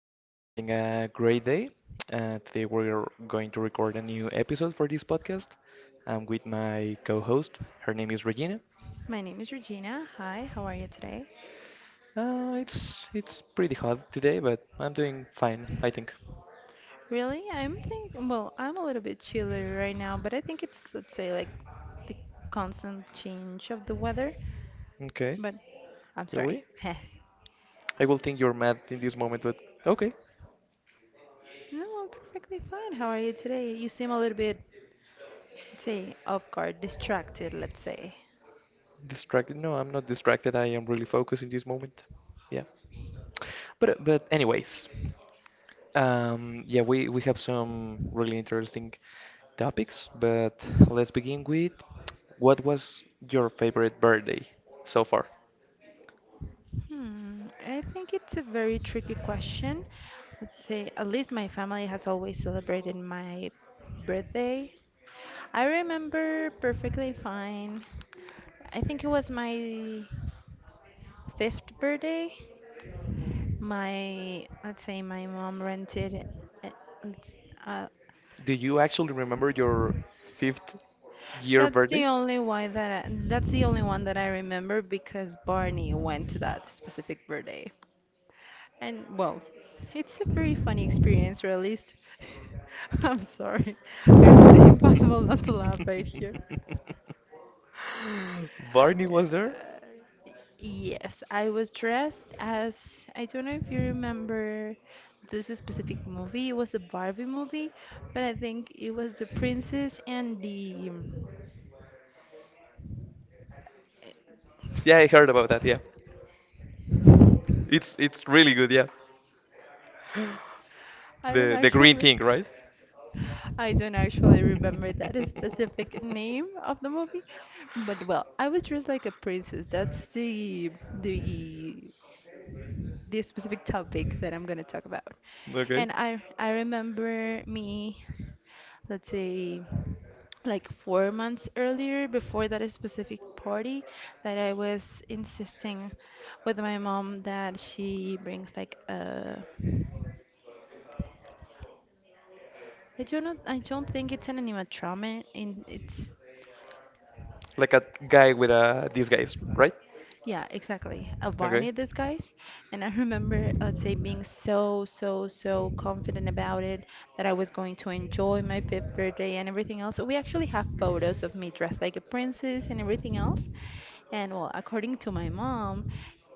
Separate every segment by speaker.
Speaker 1: you ha you're having a great day. Today we're going to record a new episode for this podcast. I'm with my co-host. Her name is Regina.
Speaker 2: My name is Regina. Hi, how are you today?
Speaker 1: It's pretty hot today, but I'm doing fine, I think.
Speaker 2: Really, I'm think well, I'm a little bit chilly right now, but I think it's let's say like the constant change of the weather.
Speaker 1: Okay,
Speaker 2: But I'm sorry.
Speaker 1: really? I will think you're mad in this moment, but okay.
Speaker 2: No, I'm perfectly fine. How are you today? You seem a little bit, let's say, off guard, distracted, let's say.
Speaker 1: Distracted? No, I'm not distracted. I am really focused in this moment. Yeah. But anyways. Yeah, we have some really interesting topics, but let's begin with what was your favorite birthday so far?
Speaker 2: Hmm, I think it's a very tricky question. Let's say, at least my family has always celebrated my birthday. I remember perfectly fine. I think it was my fifth birthday. My, let's say, my mom rented. a- It's, uh,
Speaker 1: Do you actually remember your fifth year birthday?
Speaker 2: that's the only one that I remember because Barney went to that specific birthday. And well, it's a very funny experience, or at least I'm sorry. It's impossible not to laugh right here.
Speaker 1: Barney was there?
Speaker 2: Uh, Yes, I was dressed as I don't know if you remember this specific movie. It was a Barbie movie, but I think it was the princess and the.
Speaker 1: Yeah, I heard about that, yeah. It's really good, yeah.
Speaker 2: I don't
Speaker 1: The green
Speaker 2: actually
Speaker 1: thing, right?
Speaker 2: I don't actually remember that specific name of the movie, but well, I was dressed like a princess. That's the this specific topic that I'm gonna talk about.
Speaker 1: Okay.
Speaker 2: And I remember me, let's say, like 4 months earlier, before that specific party, that I was insisting with my mom that she brings like a. I don't know, I don't think it's an animatronic. In it's.
Speaker 1: Like a guy with a disguise, right?
Speaker 2: Yeah, exactly. A
Speaker 1: Okay.
Speaker 2: Barney disguise. And I remember, let's say, being so, so, so confident about it that I was going to enjoy my fifth birthday and everything else. So we actually have photos of me dressed like a princess and everything else. And well, according to my mom,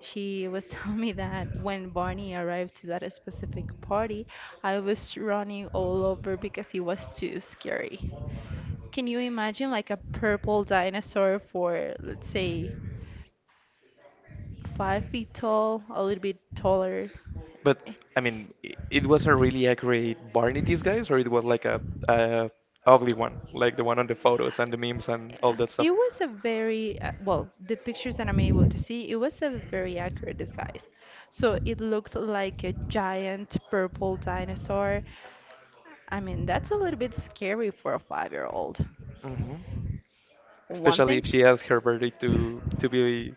Speaker 2: she was telling me that when Barney arrived to that specific party, I was running all over because he was too scary. Can you imagine like a purple dinosaur for, let's say, 5 feet tall, a little bit taller.
Speaker 1: But
Speaker 2: Eh,
Speaker 1: I mean, it was a really accurate Barney disguise, or it was like a ugly one, like the one on the photos and the memes and all that stuff.
Speaker 2: It was a very, well, the pictures that I'm able to see, it was a very accurate disguise. So it looked like a giant purple dinosaur. I mean, that's a little bit scary for a 5-year-old.
Speaker 1: Hmm.
Speaker 2: One
Speaker 1: Especially
Speaker 2: thing,
Speaker 1: if she asked her birthday to be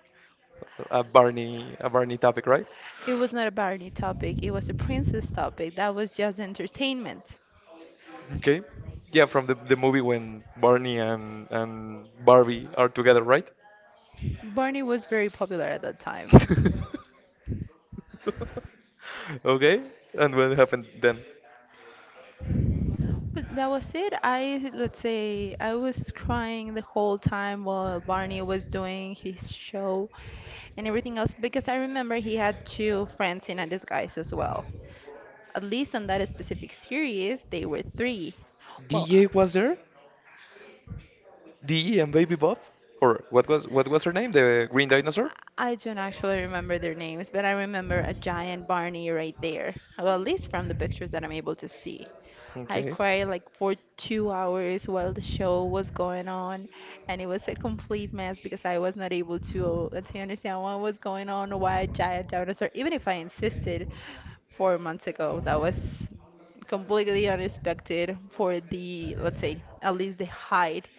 Speaker 1: a Barney topic, right?
Speaker 2: it was not a Barney topic, it was a princess topic. That was just entertainment.
Speaker 1: Okay. Yeah, from the movie when Barney and Barbie are together, right?
Speaker 2: Barney was very popular at that time.
Speaker 1: Okay. And what happened then?
Speaker 2: But that was it. I, let's say, I was crying the whole time while Barney was doing his show and everything else because I remember he had two friends in a disguise as well. At least on that specific series, they were three. Well,
Speaker 1: DJ was there? DJ and Baby Bob? Or what was her name? The green dinosaur?
Speaker 2: I don't actually remember their names, but I remember a giant Barney right there. Well, at least from the pictures that I'm able to see. I
Speaker 1: Okay.
Speaker 2: cried like for 2 hours while the show was going on, and it was a complete mess because I was not able to, let's say, understand what was going on, why a giant dinosaur, even if I insisted 4 months ago, that was completely unexpected for the, let's say, at least the height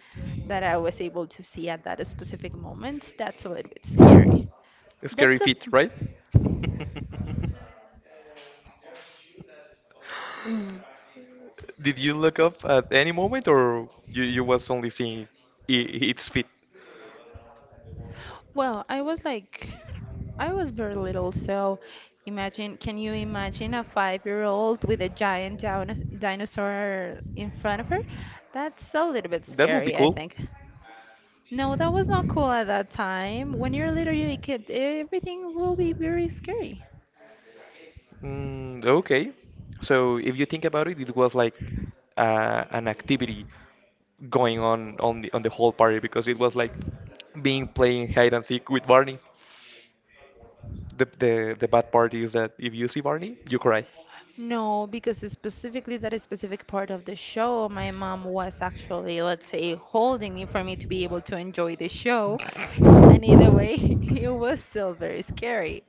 Speaker 2: that I was able to see at that specific moment. That's a little bit scary.
Speaker 1: Scary
Speaker 2: That's a,
Speaker 1: feet, right? Did you look up at any moment, or you was only seeing I its feet?
Speaker 2: well, I was like, I was very little, so imagine, can you imagine a 5-year-old with a giant dinosaur in front of her? That's a little bit
Speaker 1: That would be
Speaker 2: scary, I
Speaker 1: cool.
Speaker 2: think. No, that was not cool at that time. When you're little, you kid, everything will be very scary.
Speaker 1: Mm, okay. So if you think about it, it was like an activity going on the whole party because it was like being playing hide and seek with Barney. The bad part is that if you see Barney, you cry.
Speaker 2: No, because specifically that specific part of the show, my mom was actually, let's say, holding me for me to be able to enjoy the show. And either way, it was still very scary.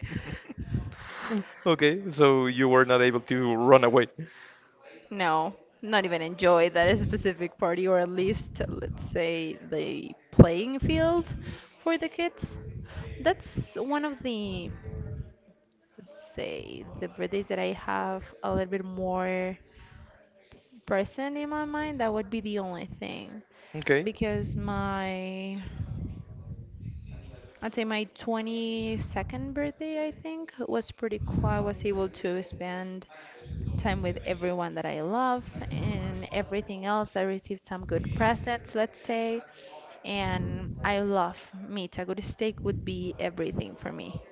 Speaker 1: Okay, so you were not able to run away.
Speaker 2: No, not even enjoy that specific party, or at least, let's say, the playing field for the kids. That's one of the, let's say, the birthdays that I have a little bit more present in my mind. That would be the only thing.
Speaker 1: Okay,
Speaker 2: Because my I'd say my 22nd birthday, I think, was pretty cool. I was able to spend time with everyone that I love and everything else. I received some good presents, let's say, and I love meat. A good steak would be everything for me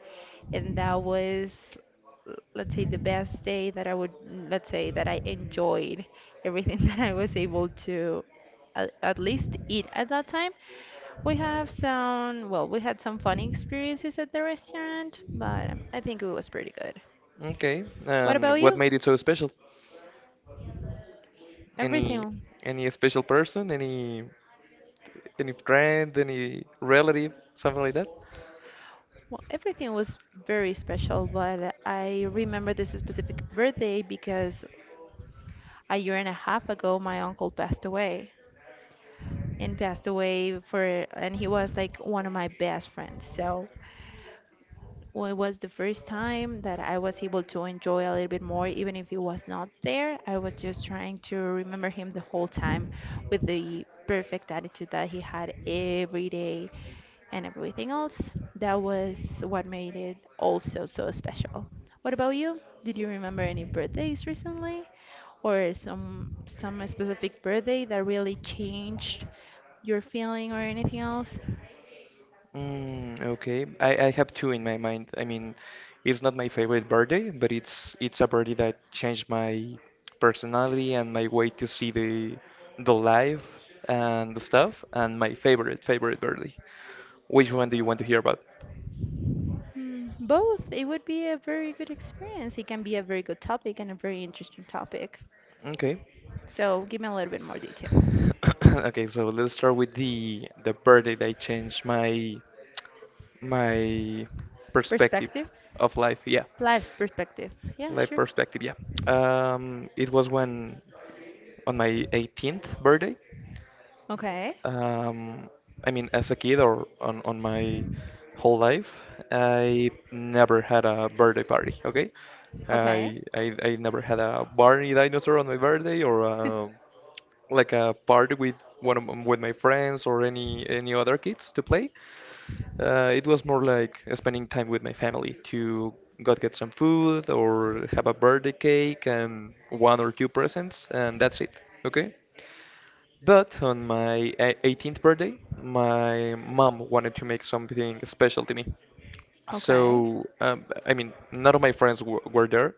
Speaker 2: and that was let's say the best day that I would let's say that I enjoyed everything that I was able to at least eat at that time. We have some well, we had some funny experiences at the restaurant, but I think it was pretty good.
Speaker 1: okay.
Speaker 2: What
Speaker 1: And
Speaker 2: about
Speaker 1: what
Speaker 2: you?
Speaker 1: made it so special? Any
Speaker 2: Everything
Speaker 1: any special person? Any friend? Any relative? Something like that?
Speaker 2: Well, everything was very special, but I remember this specific birthday because a year and a half ago my uncle passed away. And passed away for and he was like one of my best friends. So well, it was the first time that I was able to enjoy a little bit more, even if he was not there. I was just trying to remember him the whole time with the perfect attitude that he had every day and everything else. That was what made it also so special. What about you? Did you remember any birthdays recently? Or some specific birthday that really changed your feeling or anything else?
Speaker 1: Mm, okay. I have two in my mind. I mean, it's not my favorite birthday, but it's a birthday that changed my personality and my way to see the life and the stuff and my favorite birthday. Which one do you want to hear about?
Speaker 2: Mm, both. It would be a very good experience. It can be a very good topic and a very interesting topic.
Speaker 1: Okay.
Speaker 2: So give me a little bit more detail.
Speaker 1: Okay, so let's start with the birthday that changed my my perspective
Speaker 2: Perspective?
Speaker 1: of life. Yeah,
Speaker 2: Life's perspective. Yeah,
Speaker 1: life
Speaker 2: sure.
Speaker 1: perspective. Yeah. It was when On my 18th birthday.
Speaker 2: Okay.
Speaker 1: Um, I mean, as a kid or on my whole life, I never had a birthday party, okay?
Speaker 2: Okay.
Speaker 1: I never had a Barney dinosaur on my birthday or like a party with with my friends or any other kids to play. It was more like spending time with my family to go get some food or have a birthday cake and one or two presents, and that's it, okay? But on my 18th birthday, my mom wanted to make something special to me.
Speaker 2: Okay.
Speaker 1: So, I mean, none of my friends w were there,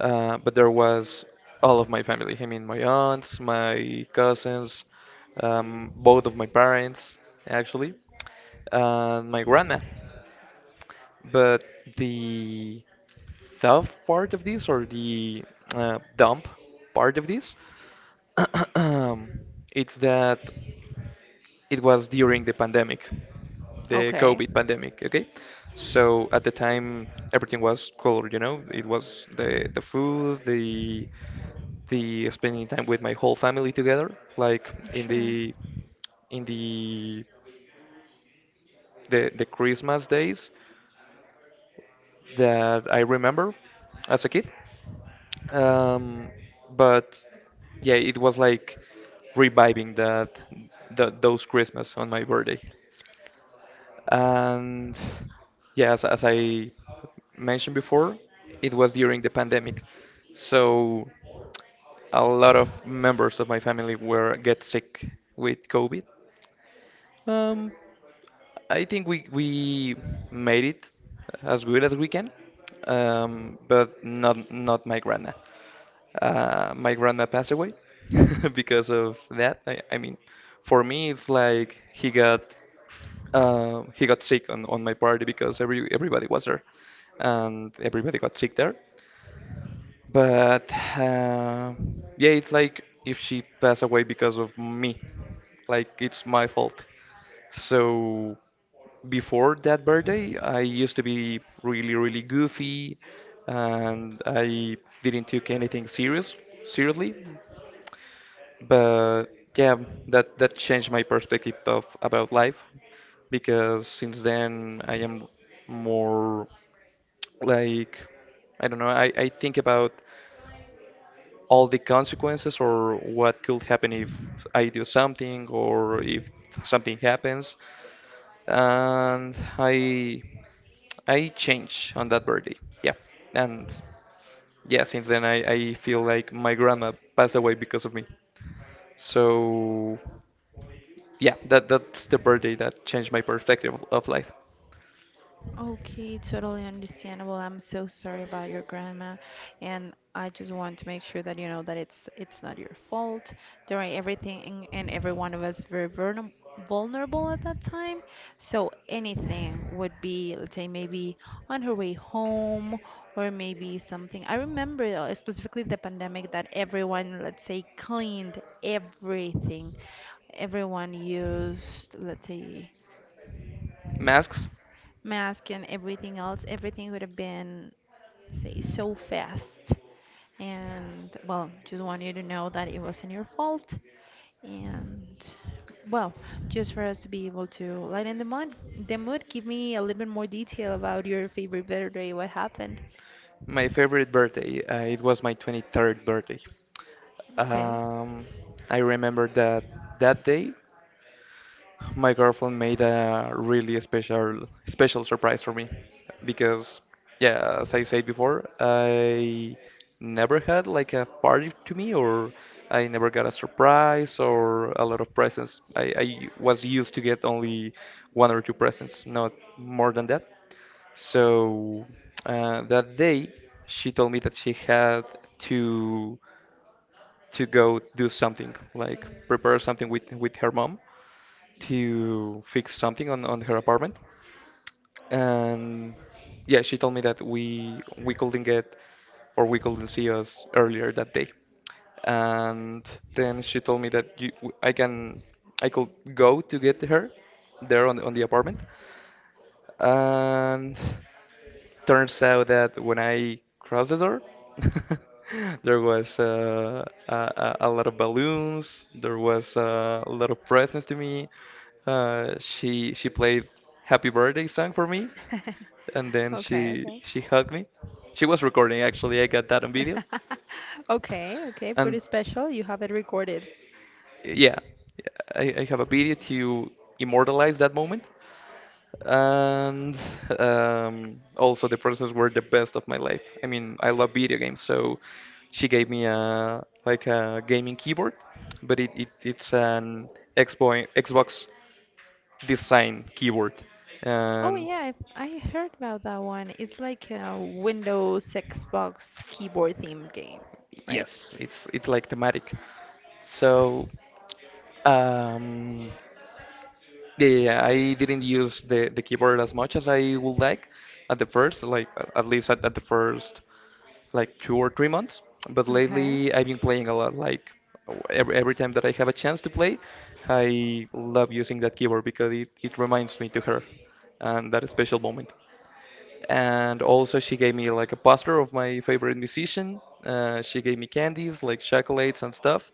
Speaker 1: but there was all of my family. I mean, my aunts, my cousins, both of my parents, actually, and my grandma. But the tough part of this, or the dump part of this, it's that it was during the pandemic, the
Speaker 2: Okay.
Speaker 1: COVID pandemic, okay? So at the time, everything was cool, you know? It was the food, the spending time with my whole family together, like in
Speaker 2: Sure.
Speaker 1: the in the the Christmas days that I remember as a kid. Um, but yeah, it was like reviving that those Christmas on my birthday. And yeah, as I mentioned before, it was during the pandemic. So a lot of members of my family were get sick with COVID. Um, I think we made it as good as we can, but not my grandma. My grandma passed away because of that. I mean, for me, it's like he got sick on my party because everybody was there, and everybody got sick there. But uh, yeah, it's like if she passed away because of me, like it's my fault. So before that birthday, I used to be really, really goofy, and I didn't take anything seriously. But yeah, that changed my perspective of about life because since then I am more like I don't know, I think about all the consequences or what could happen if I do something or if something happens. And I change on that birthday. Yeah. And yeah, since then I feel like my grandma passed away because of me. So yeah, that's the birthday that changed my perspective of life.
Speaker 2: Okay, totally understandable. I'm so sorry about your grandma, and I just want to make sure that you know that it's not your fault. There are everything and every one of us very vulnerable at that time, so anything would be, let's say, maybe on her way home or maybe something. I remember specifically the pandemic that everyone, let's say, cleaned everything. Everyone used, let's say
Speaker 1: Masks,
Speaker 2: mask and everything else, everything would have been, say, so fast. And well, just want you to know that it wasn't your fault. And well, just for us to be able to lighten the mood, give me a little bit more detail about your favorite birthday, what happened.
Speaker 1: my favorite birthday. It was my 23rd birthday.
Speaker 2: Okay.
Speaker 1: Um, I remember that day my girlfriend made a really special surprise for me because yeah, as I said before, I never had like a party to me or I never got a surprise or a lot of presents. I was used to get only one or two presents, not more than that. So that day she told me that she had to to go do something, like prepare something with her mom to fix something on her apartment. And yeah, she told me that we couldn't get or we couldn't see us earlier that day. And then she told me that you, I can I could go to get her there on on the apartment. And turns out that when I crossed the door, there was a lot of balloons. There was a lot of presents to me. She played Happy Birthday song for me, and then
Speaker 2: Okay, okay.
Speaker 1: she hugged me. She was recording actually. I got that on video.
Speaker 2: Okay, okay,
Speaker 1: And
Speaker 2: pretty special. You have it recorded.
Speaker 1: yeah, I have a video to immortalize that moment. And also the presents were the best of my life. I mean, I love video games, so she gave me a like a gaming keyboard, but it's an Xbox design keyboard,
Speaker 2: Oh
Speaker 1: and
Speaker 2: yeah, I heard about that one. It's like a Windows Xbox keyboard themed game, right?
Speaker 1: yes, it's like thematic. So um, yeah. I didn't use the keyboard as much as I would like at the first, like at least at the first like 2 or 3 months. But
Speaker 2: Okay.
Speaker 1: lately, I've been playing a lot. Like every time that I have a chance to play, I love using that keyboard because it reminds me to her and that special moment, and also she gave me like a poster of my favorite musician. She gave me candies like chocolates and stuff,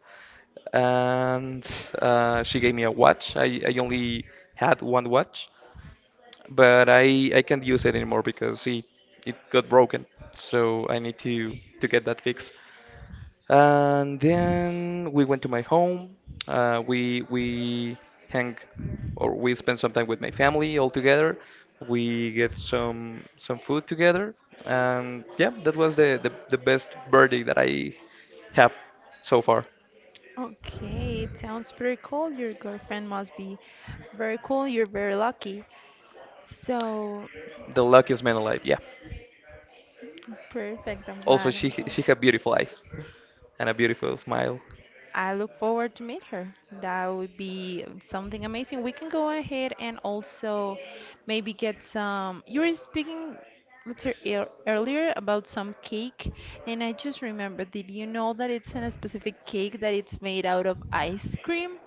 Speaker 1: and she gave me a watch. I only had one watch, but I can't use it anymore because it got broken. So I need to get that fixed. And then we went to my home. We hang or we spend some time with my family all together. We get some food together, and yeah, that was the best birthday that I have so far.
Speaker 2: Okay, it sounds pretty cool. Your girlfriend must be very cool. You're very lucky. So,
Speaker 1: The luckiest man alive. Yeah.
Speaker 2: perfect. I'm
Speaker 1: Also,
Speaker 2: glad. I'm glad.
Speaker 1: she had beautiful eyes and a beautiful smile.
Speaker 2: I look forward to meet her. That would be something amazing. We can go ahead and also maybe get some. You were speaking later earlier about some cake, and I just remembered, did you know that it's in a specific cake that it's made out of ice cream?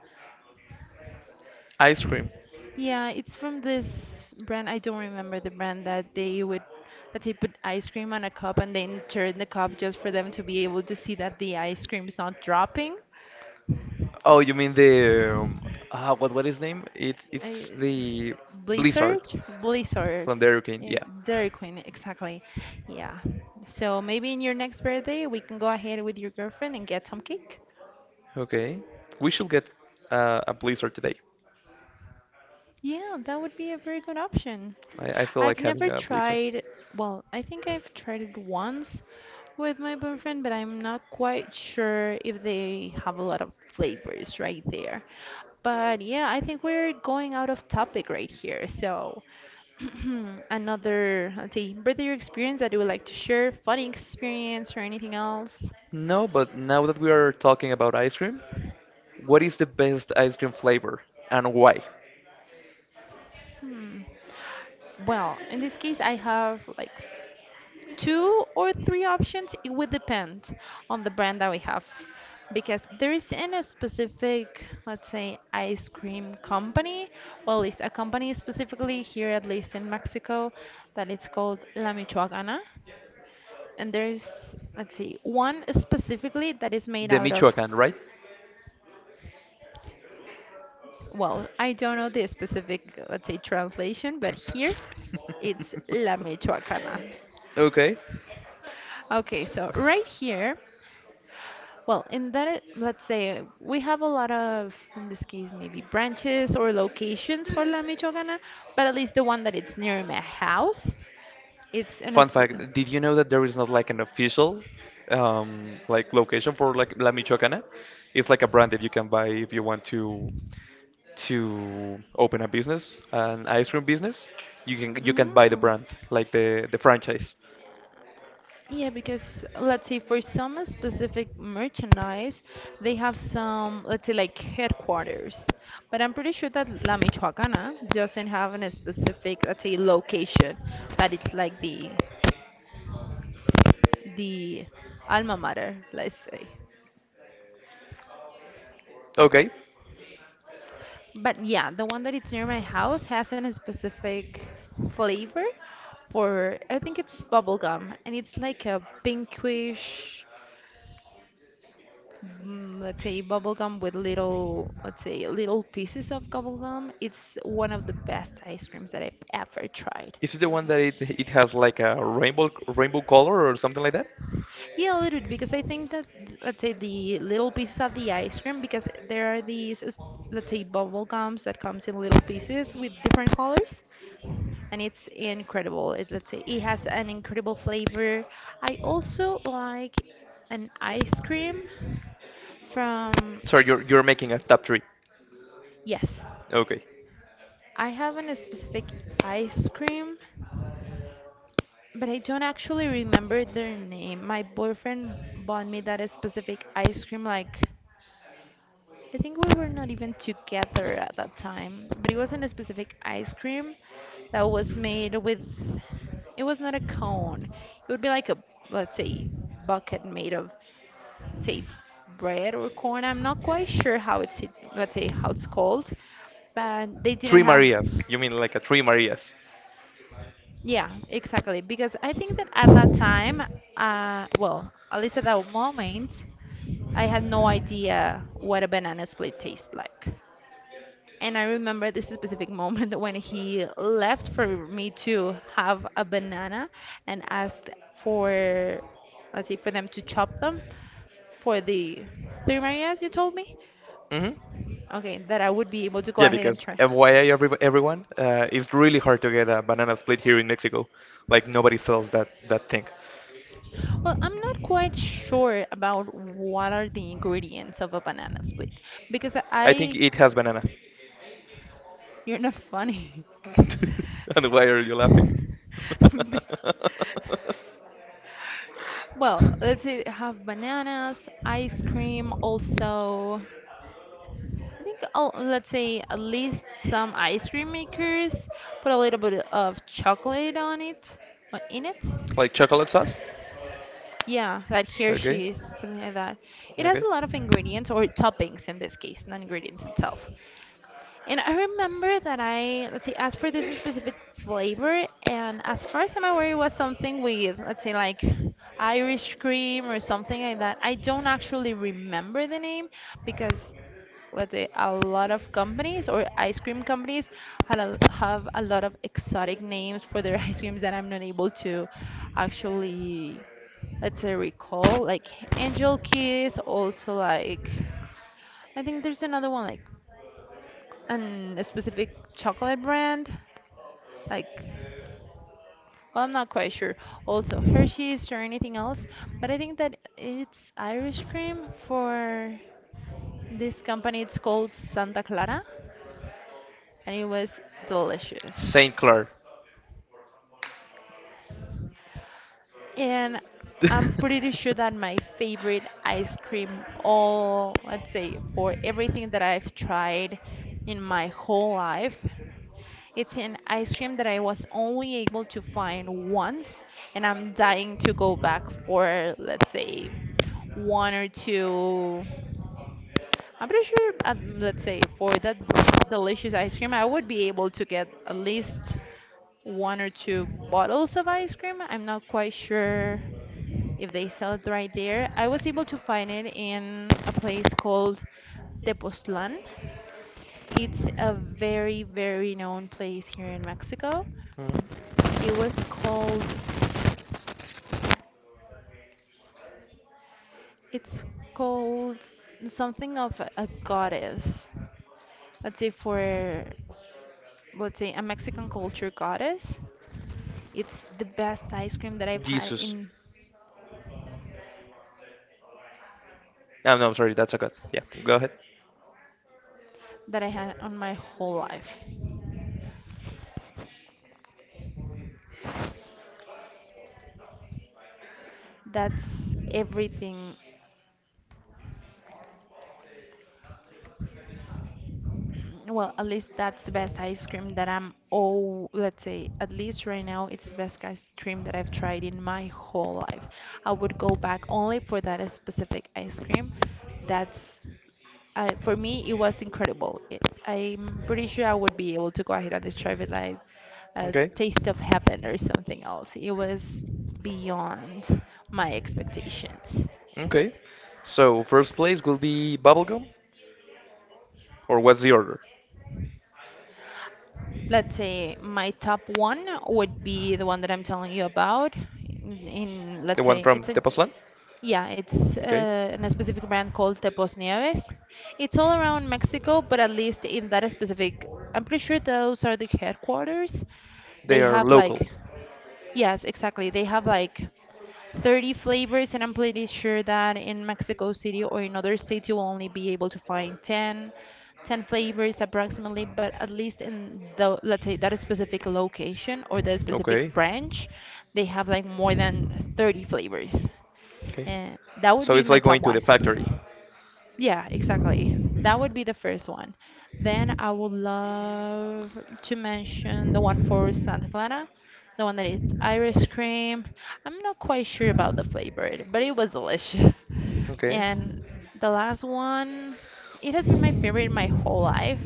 Speaker 1: Ice cream.
Speaker 2: Yeah, it's from this brand. I don't remember the brand that they would that they put ice cream on a cup and then turn the cup just for them to be able to see that the ice cream is not dropping.
Speaker 1: Oh, you mean the what is his name?
Speaker 2: I-
Speaker 1: It's
Speaker 2: it's
Speaker 1: the Blizzard
Speaker 2: Blizzard, Blizzard,
Speaker 1: from the Hurricane.
Speaker 2: Yeah,
Speaker 1: Yeah.
Speaker 2: Dairy Queen, exactly. Yeah. So maybe in your next birthday we can go ahead with your girlfriend and get some cake.
Speaker 1: Okay. We should get a blizzard today.
Speaker 2: Yeah, that would be a very good option.
Speaker 1: I feel
Speaker 2: I've
Speaker 1: like having
Speaker 2: never
Speaker 1: a blizzard.
Speaker 2: tried, well, I think I've tried it once with my boyfriend, but I'm not quite sure if they have a lot of flavors right there. But yeah, I think we're going out of topic right here. So, another, let's see, birthday experience that you would like to share, funny experience, or anything else?
Speaker 1: No, but now that we are talking about ice cream, what is the best ice cream flavor and why?
Speaker 2: Hmm. Well, in this case, I have like two or three options. It would depend on the brand that we have. Because there is in a specific, let's say, ice cream company, well, at least a company specifically here, at least in Mexico, that it's called La Michoacana. And there's, let's see, one specifically that is made
Speaker 1: The
Speaker 2: out of,
Speaker 1: Michoacan, right?
Speaker 2: well, I don't know the specific, let's say, translation, but here it's La Michoacana.
Speaker 1: Okay.
Speaker 2: Okay, so right here. Well, in that, let's say we have a lot of, in this case, maybe branches or locations for La Michoacana, but at least the one that it's near my house, it's in a
Speaker 1: Fun
Speaker 2: sp-
Speaker 1: fact, did you know that there is not like an official like location for like La Michoacana? It's like a brand that you can buy if you want to open a business, an ice cream business. You can buy the
Speaker 2: Mm.
Speaker 1: brand, like the franchise.
Speaker 2: Yeah, because let's say for some specific merchandise, they have some, let's say like headquarters. But I'm pretty sure that La Michoacana doesn't have a specific, let's say, location that it's like the alma mater, let's say.
Speaker 1: Okay.
Speaker 2: But yeah, the one that it's near my house has a specific flavor for, I think it's bubblegum, and it's like a pinkish, let's say bubblegum with little, let's say little pieces of bubblegum. It's one of the best ice creams that I've ever tried.
Speaker 1: Is it the one that it has like a rainbow color or something like that?
Speaker 2: Yeah, a little bit, because I think that, let's say the little pieces of the ice cream, because there are these, let's say bubble gums that comes in little pieces with different colors. And it's incredible. It, let's say it has an incredible flavor. I also like an ice cream from.
Speaker 1: Sorry, you're making a top three.
Speaker 2: Yes,
Speaker 1: Okay.
Speaker 2: I have a specific ice cream, but I don't actually remember their name. My boyfriend bought me that specific ice cream, like I think we were not even together at that time, but it wasn't a specific ice cream that was made with, it was not a cone. It would be like a, let's say, bucket made of, say, bread or corn. I'm not quite sure how it's, let's say, how it's called, but they didn't
Speaker 1: Three
Speaker 2: have,
Speaker 1: Marias. You mean like a three Marias?
Speaker 2: yeah, exactly. Because I think that at that time, well, at least at that moment, I had no idea what a banana split tastes like. And I remember this specific moment when he left for me to have a banana and asked for, let's see, for them to chop them for the three Marias you told me?
Speaker 1: Mm-hmm.
Speaker 2: Okay, that I would be able to go
Speaker 1: Yeah,
Speaker 2: ahead and
Speaker 1: because
Speaker 2: try.
Speaker 1: FYI, everyone, it's really hard to get a banana split here in Mexico. Like nobody sells that thing.
Speaker 2: Well, I'm not quite sure about what are the ingredients of a banana split because
Speaker 1: I think
Speaker 2: I,
Speaker 1: it has banana.
Speaker 2: you're not funny.
Speaker 1: And why are you laughing?
Speaker 2: Well, let's say have bananas, ice cream, also. I think, oh, let's say at least some ice cream makers put a little bit of chocolate on it, in it.
Speaker 1: Like chocolate sauce?
Speaker 2: Yeah, like
Speaker 1: Okay,
Speaker 2: Hershey's, something like that. It has
Speaker 1: okay.
Speaker 2: a lot of ingredients or toppings in this case, not ingredients itself. And I remember that I, let's see, asked for this specific flavor, and as far as I'm aware, it was something with, let's say, like Irish cream or something like that. I don't actually remember the name because, let's say, a lot of companies or ice cream companies have a lot of exotic names for their ice creams that I'm not able to actually, let's say, recall. Like Angel Kiss, also like, I think there's another one like, and a specific chocolate brand like, well, I'm not quite sure, also Hershey's or anything else, but I think that it's Irish cream for this company. It's called Santa Clara, and it was delicious.
Speaker 1: Saint Clair.
Speaker 2: And I'm pretty sure that my favorite ice cream all, let's say for everything that I've tried in my whole life, it's an ice cream that I was only able to find once, and I'm dying to go back for, let's say, one or two. I'm pretty sure, let's say, for that delicious ice cream, I would be able to get at least one or two bottles of ice cream. I'm not quite sure if they sell it right there. I was able to find it in a place called Tepoztlán. It's a very, very known place here in Mexico.
Speaker 1: Mhm.
Speaker 2: It was called, it's called something of a goddess. Let's say for, let's say a Mexican culture goddess. It's the best ice cream that I've had
Speaker 1: Jesus.
Speaker 2: in,
Speaker 1: Oh, no, I'm sorry, that's a cut. Yeah, go ahead.
Speaker 2: that I had on my whole life. That's everything. Well, at least that's the best ice cream that I'm, oh, let's say, at least right now, it's the best ice cream that I've tried in my whole life. I would go back only for that specific ice cream. That's, I, for me, it was incredible. It, I'm pretty sure I would be able to go ahead and describe it like a
Speaker 1: Okay,
Speaker 2: taste of heaven or something else. It was beyond my expectations.
Speaker 1: okay. So, first place will be Bubblegum, or what's the order?
Speaker 2: Let's say my top one would be the one that I'm telling you about. In
Speaker 1: The
Speaker 2: let's
Speaker 1: one
Speaker 2: say
Speaker 1: from
Speaker 2: it's a,
Speaker 1: Tepoztlán?
Speaker 2: yeah, it's
Speaker 1: Okay,
Speaker 2: in a specific brand called Tepos Nieves. It's all around Mexico, but at least in that specific, I'm pretty sure those are the headquarters.
Speaker 1: they
Speaker 2: They
Speaker 1: are
Speaker 2: have like,
Speaker 1: local.
Speaker 2: yes, exactly. They have like 30 flavors, and I'm pretty sure that in Mexico City or in other states you will only be able to find 10 flavors approximately, but at least in the, let's say, that specific location or that
Speaker 1: Okay,
Speaker 2: specific branch, they have like more than 30 flavors.
Speaker 1: okay.
Speaker 2: And that would
Speaker 1: So,
Speaker 2: be
Speaker 1: it's
Speaker 2: my
Speaker 1: like
Speaker 2: top
Speaker 1: going to the
Speaker 2: one.
Speaker 1: factory.
Speaker 2: Yeah, exactly. That would be the first one. Then I would love to mention the one for Santa Clara, the one that is ice cream. I'm not quite sure about the flavor, but it was delicious.
Speaker 1: Okay,
Speaker 2: And the last one, it has been my favorite my whole life.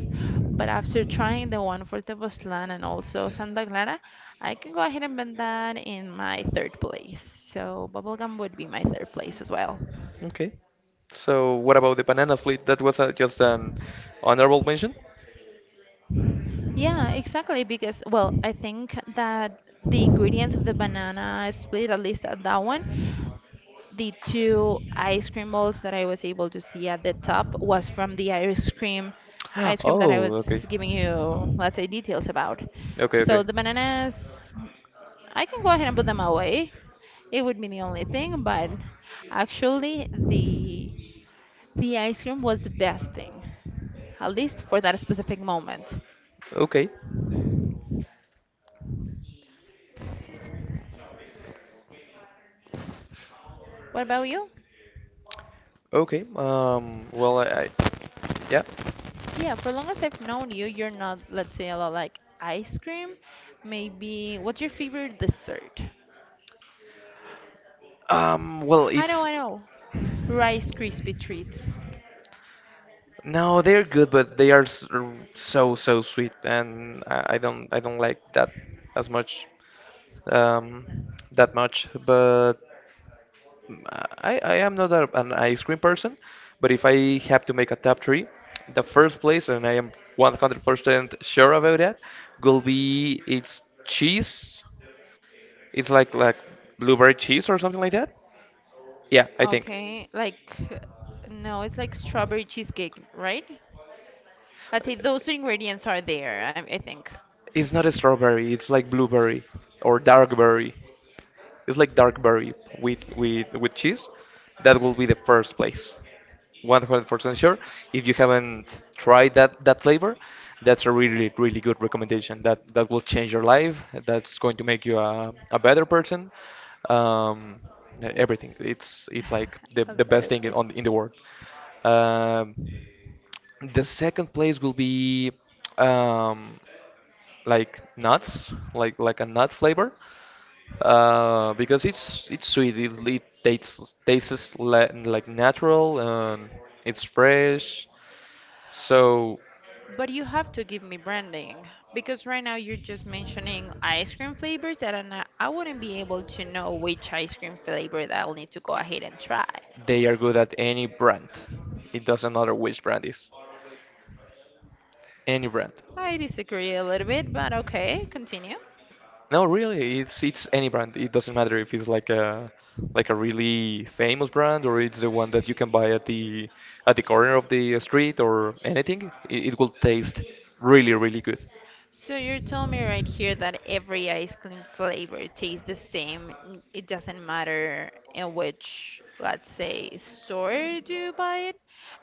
Speaker 2: But after trying the one for Tepoztlán and also Santa Clara, I can go ahead and put that in my third place. So bubblegum would be my third place as well.
Speaker 1: okay. So, what about the banana split? That was just an honorable mention?
Speaker 2: Yeah, exactly. Because, well, I think that the ingredients of the banana split, at least at that one, the two ice cream balls that I was able to see at the top was from the ice cream that I
Speaker 1: Oh, okay.
Speaker 2: was giving you, let's say, details about.
Speaker 1: Okay, okay.
Speaker 2: So the bananas, I can go ahead and put them away. It would be the only thing, but actually, the ice cream was the best thing, at least for that specific moment.
Speaker 1: Okay.
Speaker 2: What about you?
Speaker 1: Okay. Well, I yeah.
Speaker 2: Yeah, for long as I've known you, you're not, let's say, a lot like ice cream. Maybe, what's your favorite dessert?
Speaker 1: Well,
Speaker 2: I know, I
Speaker 1: it's
Speaker 2: know. Rice Krispie treats.
Speaker 1: no, they're good, but they are so so sweet, and I don't like that as much, um, that much. But mm, I am not an ice cream person, but if I have to make a top three, the first place, and I am 100% sure about that, will be it's cheese. It's like blueberry cheese or something like that. Yeah, I think
Speaker 2: Okay, like, no, it's like strawberry cheesecake, right? Let's say those ingredients are there, I think.
Speaker 1: it's not a strawberry. It's like blueberry or dark berry. It's like dark berry with cheese. That will be the first place. 100% sure. If you haven't tried that flavor, that's a really good recommendation. That will change your life. That's going to make you a better person. Um, Everything. It's like the
Speaker 2: A
Speaker 1: the best
Speaker 2: better
Speaker 1: thing in,
Speaker 2: person.
Speaker 1: on in the world. Um, the second place will be um, like nuts, like a nut flavor. Because it's sweet. It tastes tastes la like natural and it's fresh. So
Speaker 2: But you have to give me branding because right now you're just mentioning ice cream flavors that are not, I wouldn't be able to know which ice cream flavor that I'll need to go ahead and try.
Speaker 1: they are good at any brand. It doesn't matter which brand is. Any brand.
Speaker 2: I disagree a little bit, but okay, continue.
Speaker 1: No, really, it's any brand. It doesn't matter if it's like a really famous brand, or it's the one that you can buy at the corner of the street or anything. It will taste really, really good.
Speaker 2: So you're telling me right here that every ice cream flavor tastes the same. It doesn't matter in which, let's say, store do you buy it,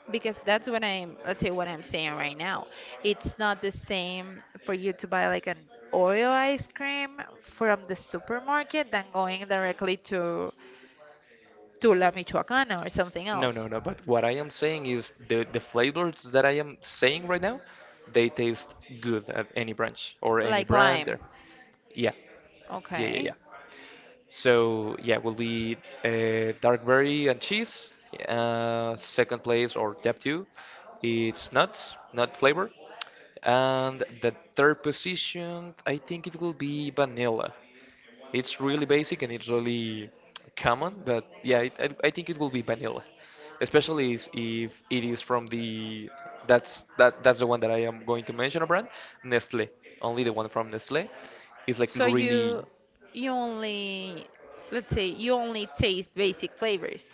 Speaker 2: because that's what I'm, let's say, what I'm saying right now. It's not the same for you to buy like an Oreo ice cream from the supermarket than going directly to La Michoacana or something
Speaker 1: No,
Speaker 2: else.
Speaker 1: no, no. But what I am saying is the flavors that I am saying right now, they taste good at any branch or any
Speaker 2: Like
Speaker 1: brand.
Speaker 2: lime.
Speaker 1: Or, yeah, yeah, yeah,
Speaker 2: Okay.
Speaker 1: yeah. So yeah, will be dark berry and cheese. Second place or top two, it's nuts, nut flavor. And the third position, I think it will be vanilla. It's really basic and it's really common, but yeah, I think it will be vanilla, especially if it is from the that's the one that I am going to mention a brand, Nestle. Only the one from Nestle is like
Speaker 2: So
Speaker 1: really
Speaker 2: you only, let's say you only taste basic flavors.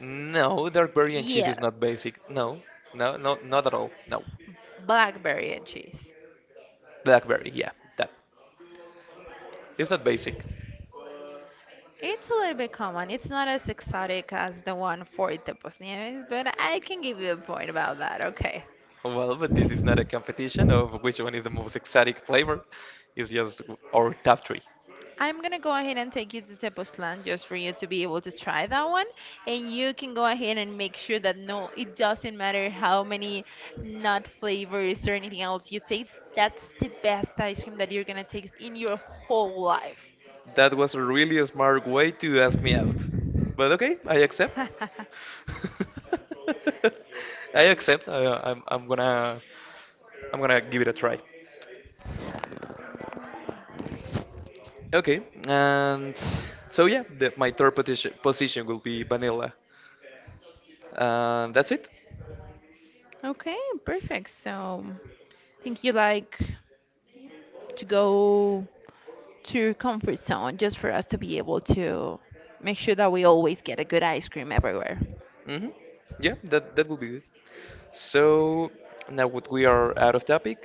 Speaker 1: no, dark berry and cheese
Speaker 2: Yeah,
Speaker 1: is not basic. No, no, no, not at all. No,
Speaker 2: blackberry and cheese.
Speaker 1: blackberry, yeah, that it's not basic.
Speaker 2: It's a little bit common. It's not as exotic as the one for Tepos Nieves, but I can give you a point about that. Okay.
Speaker 1: Well, but this is not a competition of which one is the most exotic flavor. It's just our top three.
Speaker 2: I'm gonna go ahead and take you to Tepoztlan just for you to be able to try that one, and you can go ahead and make sure that no, it doesn't matter how many nut flavors or anything else you taste. That's the best ice cream that you're gonna taste in your whole life.
Speaker 1: That was a really smart way to ask me out. But okay, I accept. I accept. I'm gonna give it a try. Okay, and so yeah, my third position will be vanilla. And that's it.
Speaker 2: Okay, perfect. So, think you like to go to your comfort zone just for us to be able to make sure that we always get a good ice cream everywhere.
Speaker 1: Hmm. Yeah, that that will be it. So now what we are out of topic,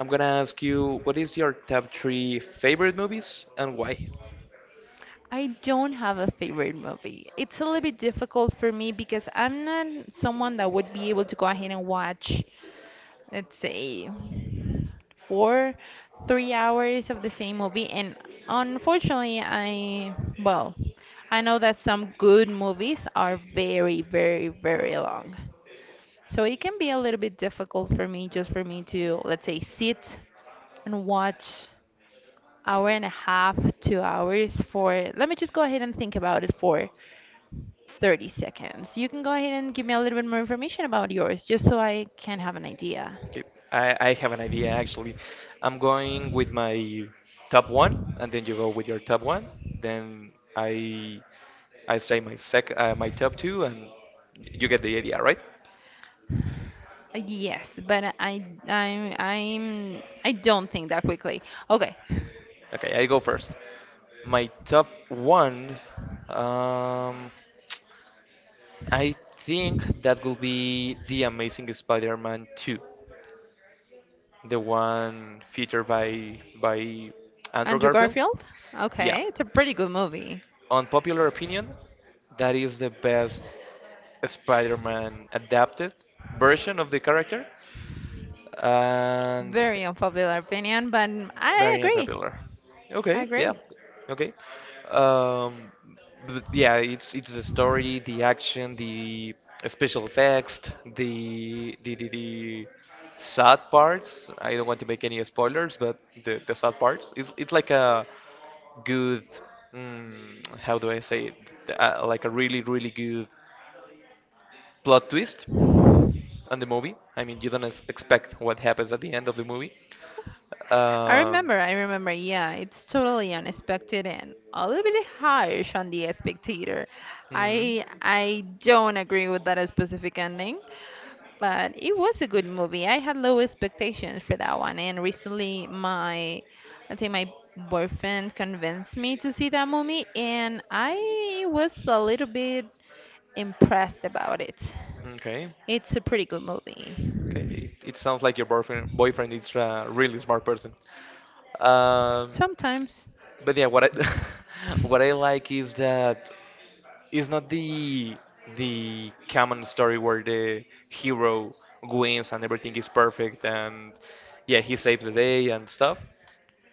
Speaker 1: I'm gonna ask you, what is your top three favorite movies and why?
Speaker 2: I don't have a favorite movie. It's a little bit difficult for me because I'm not someone that would be able to go ahead and watch, let's say, four, 3 hours of the same movie. And unfortunately, I, well, I know that some good movies are very, very, very long. So it can be a little bit difficult for me, just for me to, let's say, sit and watch hour and a half, 2 hours for, let me just go ahead and think about it for 30 seconds. You can go ahead and give me a little bit more information about yours, just so I can have an idea.
Speaker 1: Okay, I have an idea actually. I'm going with my top one, and then you go with your top one. Then I say my sec my top two, and you get the idea, right?
Speaker 2: Yes, but I, I don't think that quickly. Okay,
Speaker 1: Okay, I go first. My top one, um, I think that will be The Amazing Spider-Man 2, the one featured by Andrew
Speaker 2: Andrew
Speaker 1: Garfield.
Speaker 2: Garfield.
Speaker 1: Yeah,
Speaker 2: Okay, it's a pretty good movie.
Speaker 1: unpopular opinion, that is the best Spider-Man adapted version of the character, and
Speaker 2: Very unpopular opinion, but I
Speaker 1: very
Speaker 2: agree.
Speaker 1: unpopular.
Speaker 2: I
Speaker 1: Okay, yeah,
Speaker 2: agree.
Speaker 1: okay. Um, but yeah, it's the story, the action, the special effects, the sad parts. I don't want to make any spoilers, but the sad parts. It's like a good, how do I say it? Like a really really good plot twist on the movie. I mean, you don't expect what happens at the end of the movie.
Speaker 2: I
Speaker 1: Um,
Speaker 2: remember, I remember, yeah, it's totally unexpected and a little bit harsh on the spectator.
Speaker 1: mhm.
Speaker 2: I don't agree with that specific ending, but it was a good movie. I had low expectations for that one, and recently my, let's say my boyfriend convinced me to see that movie, and I was a little bit impressed about it.
Speaker 1: Okay.
Speaker 2: It's a pretty good movie.
Speaker 1: Okay. It sounds like your boyfriend is a really smart person. Um,
Speaker 2: Sometimes,
Speaker 1: but yeah, what I what I like is that it's not the the common story where the hero wins and everything is perfect and yeah he saves the day and stuff.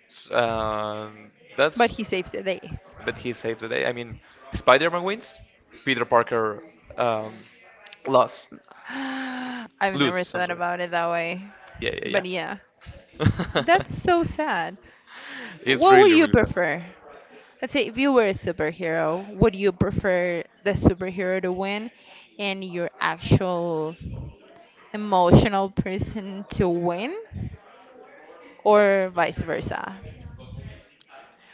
Speaker 1: S-
Speaker 2: but
Speaker 1: that's
Speaker 2: he saves the day.
Speaker 1: But he saved the day. I mean, Spider-Man wins, Peter Parker um, lost,
Speaker 2: I've never
Speaker 1: lose. I'm
Speaker 2: thought
Speaker 1: sorry.
Speaker 2: about it that way.
Speaker 1: Yeah, yeah,
Speaker 2: But yeah,
Speaker 1: yeah.
Speaker 2: that's so sad.
Speaker 1: It's
Speaker 2: What would
Speaker 1: really,
Speaker 2: you
Speaker 1: really sad.
Speaker 2: prefer? Let's say if you were a superhero, would you prefer the superhero to win and your actual emotional person to win or vice versa?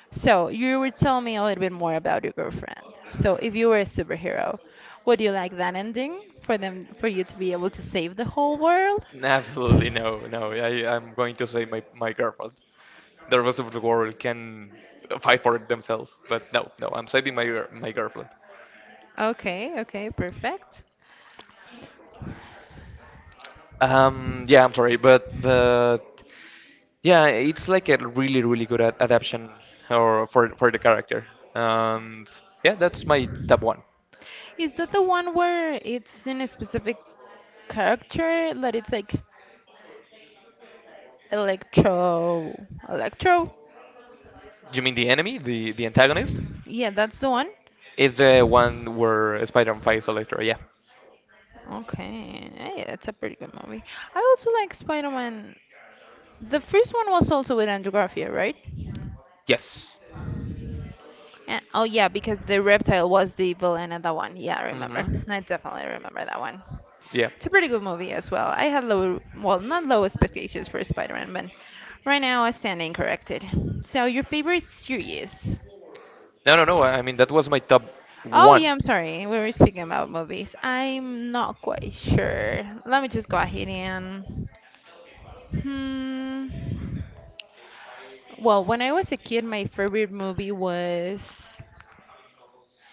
Speaker 2: So, you were telling me a little bit more about your girlfriend. So, if you were a superhero, would you like that ending for them, for you to be able to save the whole world?
Speaker 1: Absolutely no, no. I'm going to say my girlfriend. The rest of the world can fight for it themselves, but no, no. I'm saving my my girlfriend.
Speaker 2: Okay, okay, perfect.
Speaker 1: Yeah, I'm sorry, but yeah, it's like a really really good ad adaptation or for the character. And yeah, that's my top one.
Speaker 2: Is that the one where it's in a specific character that it's like Electro, Electro?
Speaker 1: You mean the enemy, the antagonist?
Speaker 2: Yeah, that's the one.
Speaker 1: Is the one where Spider-Man fights Electro? Yeah.
Speaker 2: Okay, hey, that's a pretty good movie. I also like Spider-Man. The first one was also with Andrew Garfield, right?
Speaker 1: Yes.
Speaker 2: Yeah. Oh yeah, because the reptile was the villain in that one. Yeah, I remember.
Speaker 1: Mm-hmm.
Speaker 2: I definitely remember that one.
Speaker 1: Yeah.
Speaker 2: It's a pretty good movie as well. I had low, well, not low expectations for Spider-Man, but right now I stand incorrected. So your favorite series?
Speaker 1: No, no, no. I mean that was my top
Speaker 2: Oh
Speaker 1: one.
Speaker 2: yeah, I'm sorry. We were speaking about movies. I'm not quite sure. Let me just go ahead and. Hmm. Well, when I was a kid, my favorite movie was,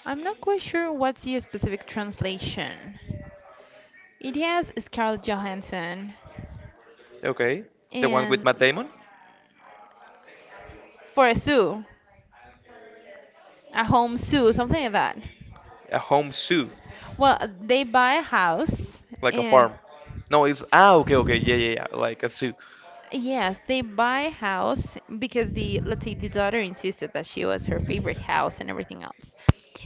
Speaker 2: I'm not quite sure what's the specific translation. It has Scarlett Johansson,
Speaker 1: Okay. The one with
Speaker 2: and
Speaker 1: Matt Damon?
Speaker 2: for a zoo, a home zoo, something like that.
Speaker 1: A home zoo,
Speaker 2: Well, they buy a house,
Speaker 1: like a
Speaker 2: and
Speaker 1: farm. No, it's ah, okay okay, yeah yeah yeah, like a zoo.
Speaker 2: yes, they buy a house because the, let's say the daughter insisted that she was her favorite house and everything else.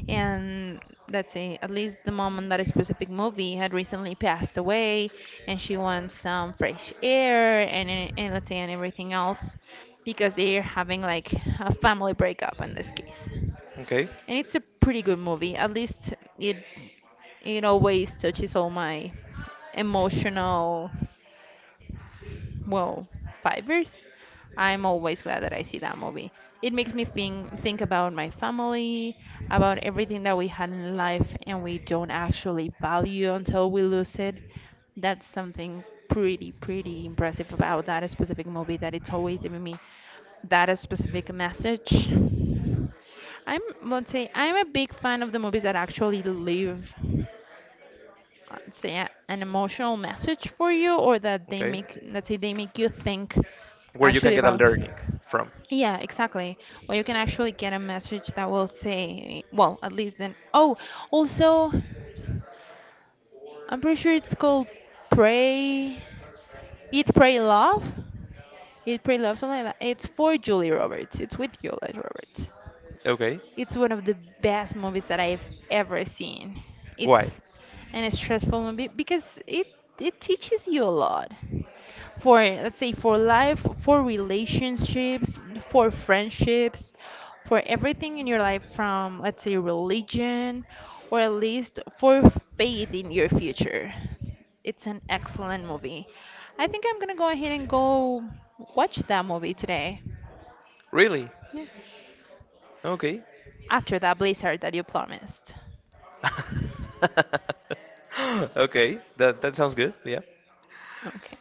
Speaker 2: And let's say at least the mom in that specific movie had recently passed away, and she wants some fresh air, and, and let's say and everything else, because they're having like a family breakup in this case.
Speaker 1: Okay.
Speaker 2: And it's a pretty good movie. At least it it always touches all my emotional, well, 5 years, I'm always glad that I see that movie. It makes me think about my family, about everything that we had in life and we don't actually value until we lose it. That's something pretty, pretty impressive about that specific movie that it's always giving me that specific message. I'm, let's say, I'm a big fan of the movies that actually live, say a, an emotional message for you or that they
Speaker 1: Okay.
Speaker 2: make, let's say they make you think
Speaker 1: Where you can
Speaker 2: actually
Speaker 1: get a
Speaker 2: about,
Speaker 1: learning from.
Speaker 2: yeah, exactly. Well, you can actually get a message that will say, well, at least then, oh, also, I'm pretty sure it's called pray, eat pray love, eat pray love, something like that. It's for Julie Roberts, it's with Julie Roberts.
Speaker 1: Okay.
Speaker 2: It's one of the best movies that I've ever seen.
Speaker 1: Why?
Speaker 2: It's an stressful movie because it teaches you a lot for, let's say for life, for relationships, for friendships, for everything in your life from, let's say, religion or at least for faith in your future. It's an excellent movie. I think I'm gonna go ahead and go watch that movie today.
Speaker 1: Really?
Speaker 2: Yeah.
Speaker 1: Okay.
Speaker 2: After that blizzard that you promised.
Speaker 1: Okay. That that sounds good. Yeah.
Speaker 2: Okay.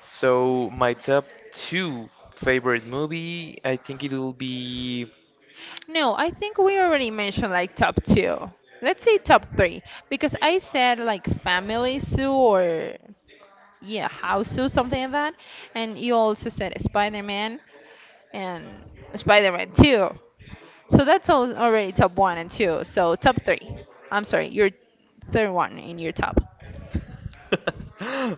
Speaker 1: So my top two favorite movie, I think it will be.
Speaker 2: No, I think we already mentioned like top two. Let's say top three, because I said like family zoo or, yeah, house zoo, something like that, and you also said Spider Man and Spider Man two. So that's all already top one and two. So top three. I'm sorry, your third one in your top.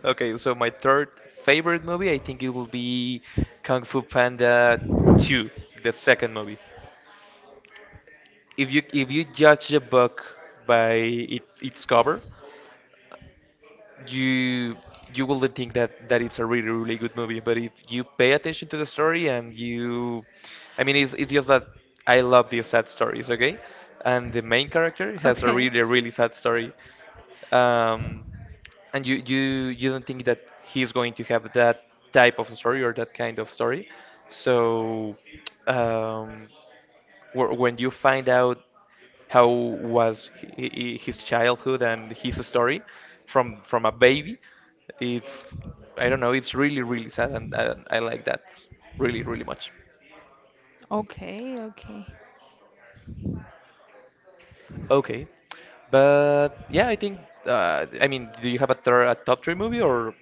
Speaker 1: Okay, so my third favorite movie, I think it will be Kung Fu Panda 2, the second movie. If you judge a book by its cover, you you wouldn't think that that it's a really really good movie, but if you pay attention to the story and you I mean it's just that I love these sad stories, okay, and the main character has a
Speaker 2: Okay.
Speaker 1: really really sad story. Um, and you don't think that he's going to have that type of story or that kind of story so um, when you find out how was his childhood and his story from a baby. It's I don't know, it's really really sad, and I like that really really much.
Speaker 2: Okay. Okay.
Speaker 1: Okay, but yeah, I think I mean, do you have a, third, a top three movie, or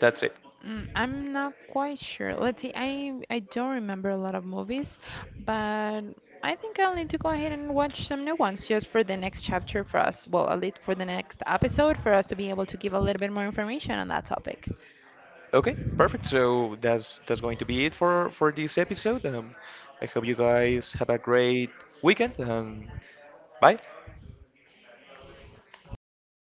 Speaker 1: that's it?
Speaker 2: Mm, I'm not quite sure. Let's see. I don't remember a lot of movies, but I think I'll need to go ahead and watch some new ones just for the next chapter for us. Well, at least for the next episode for us to be able to give a little bit more information on that topic.
Speaker 1: Okay, perfect. So that's going to be it for this episode. I hope you guys have a great weekend. Bye.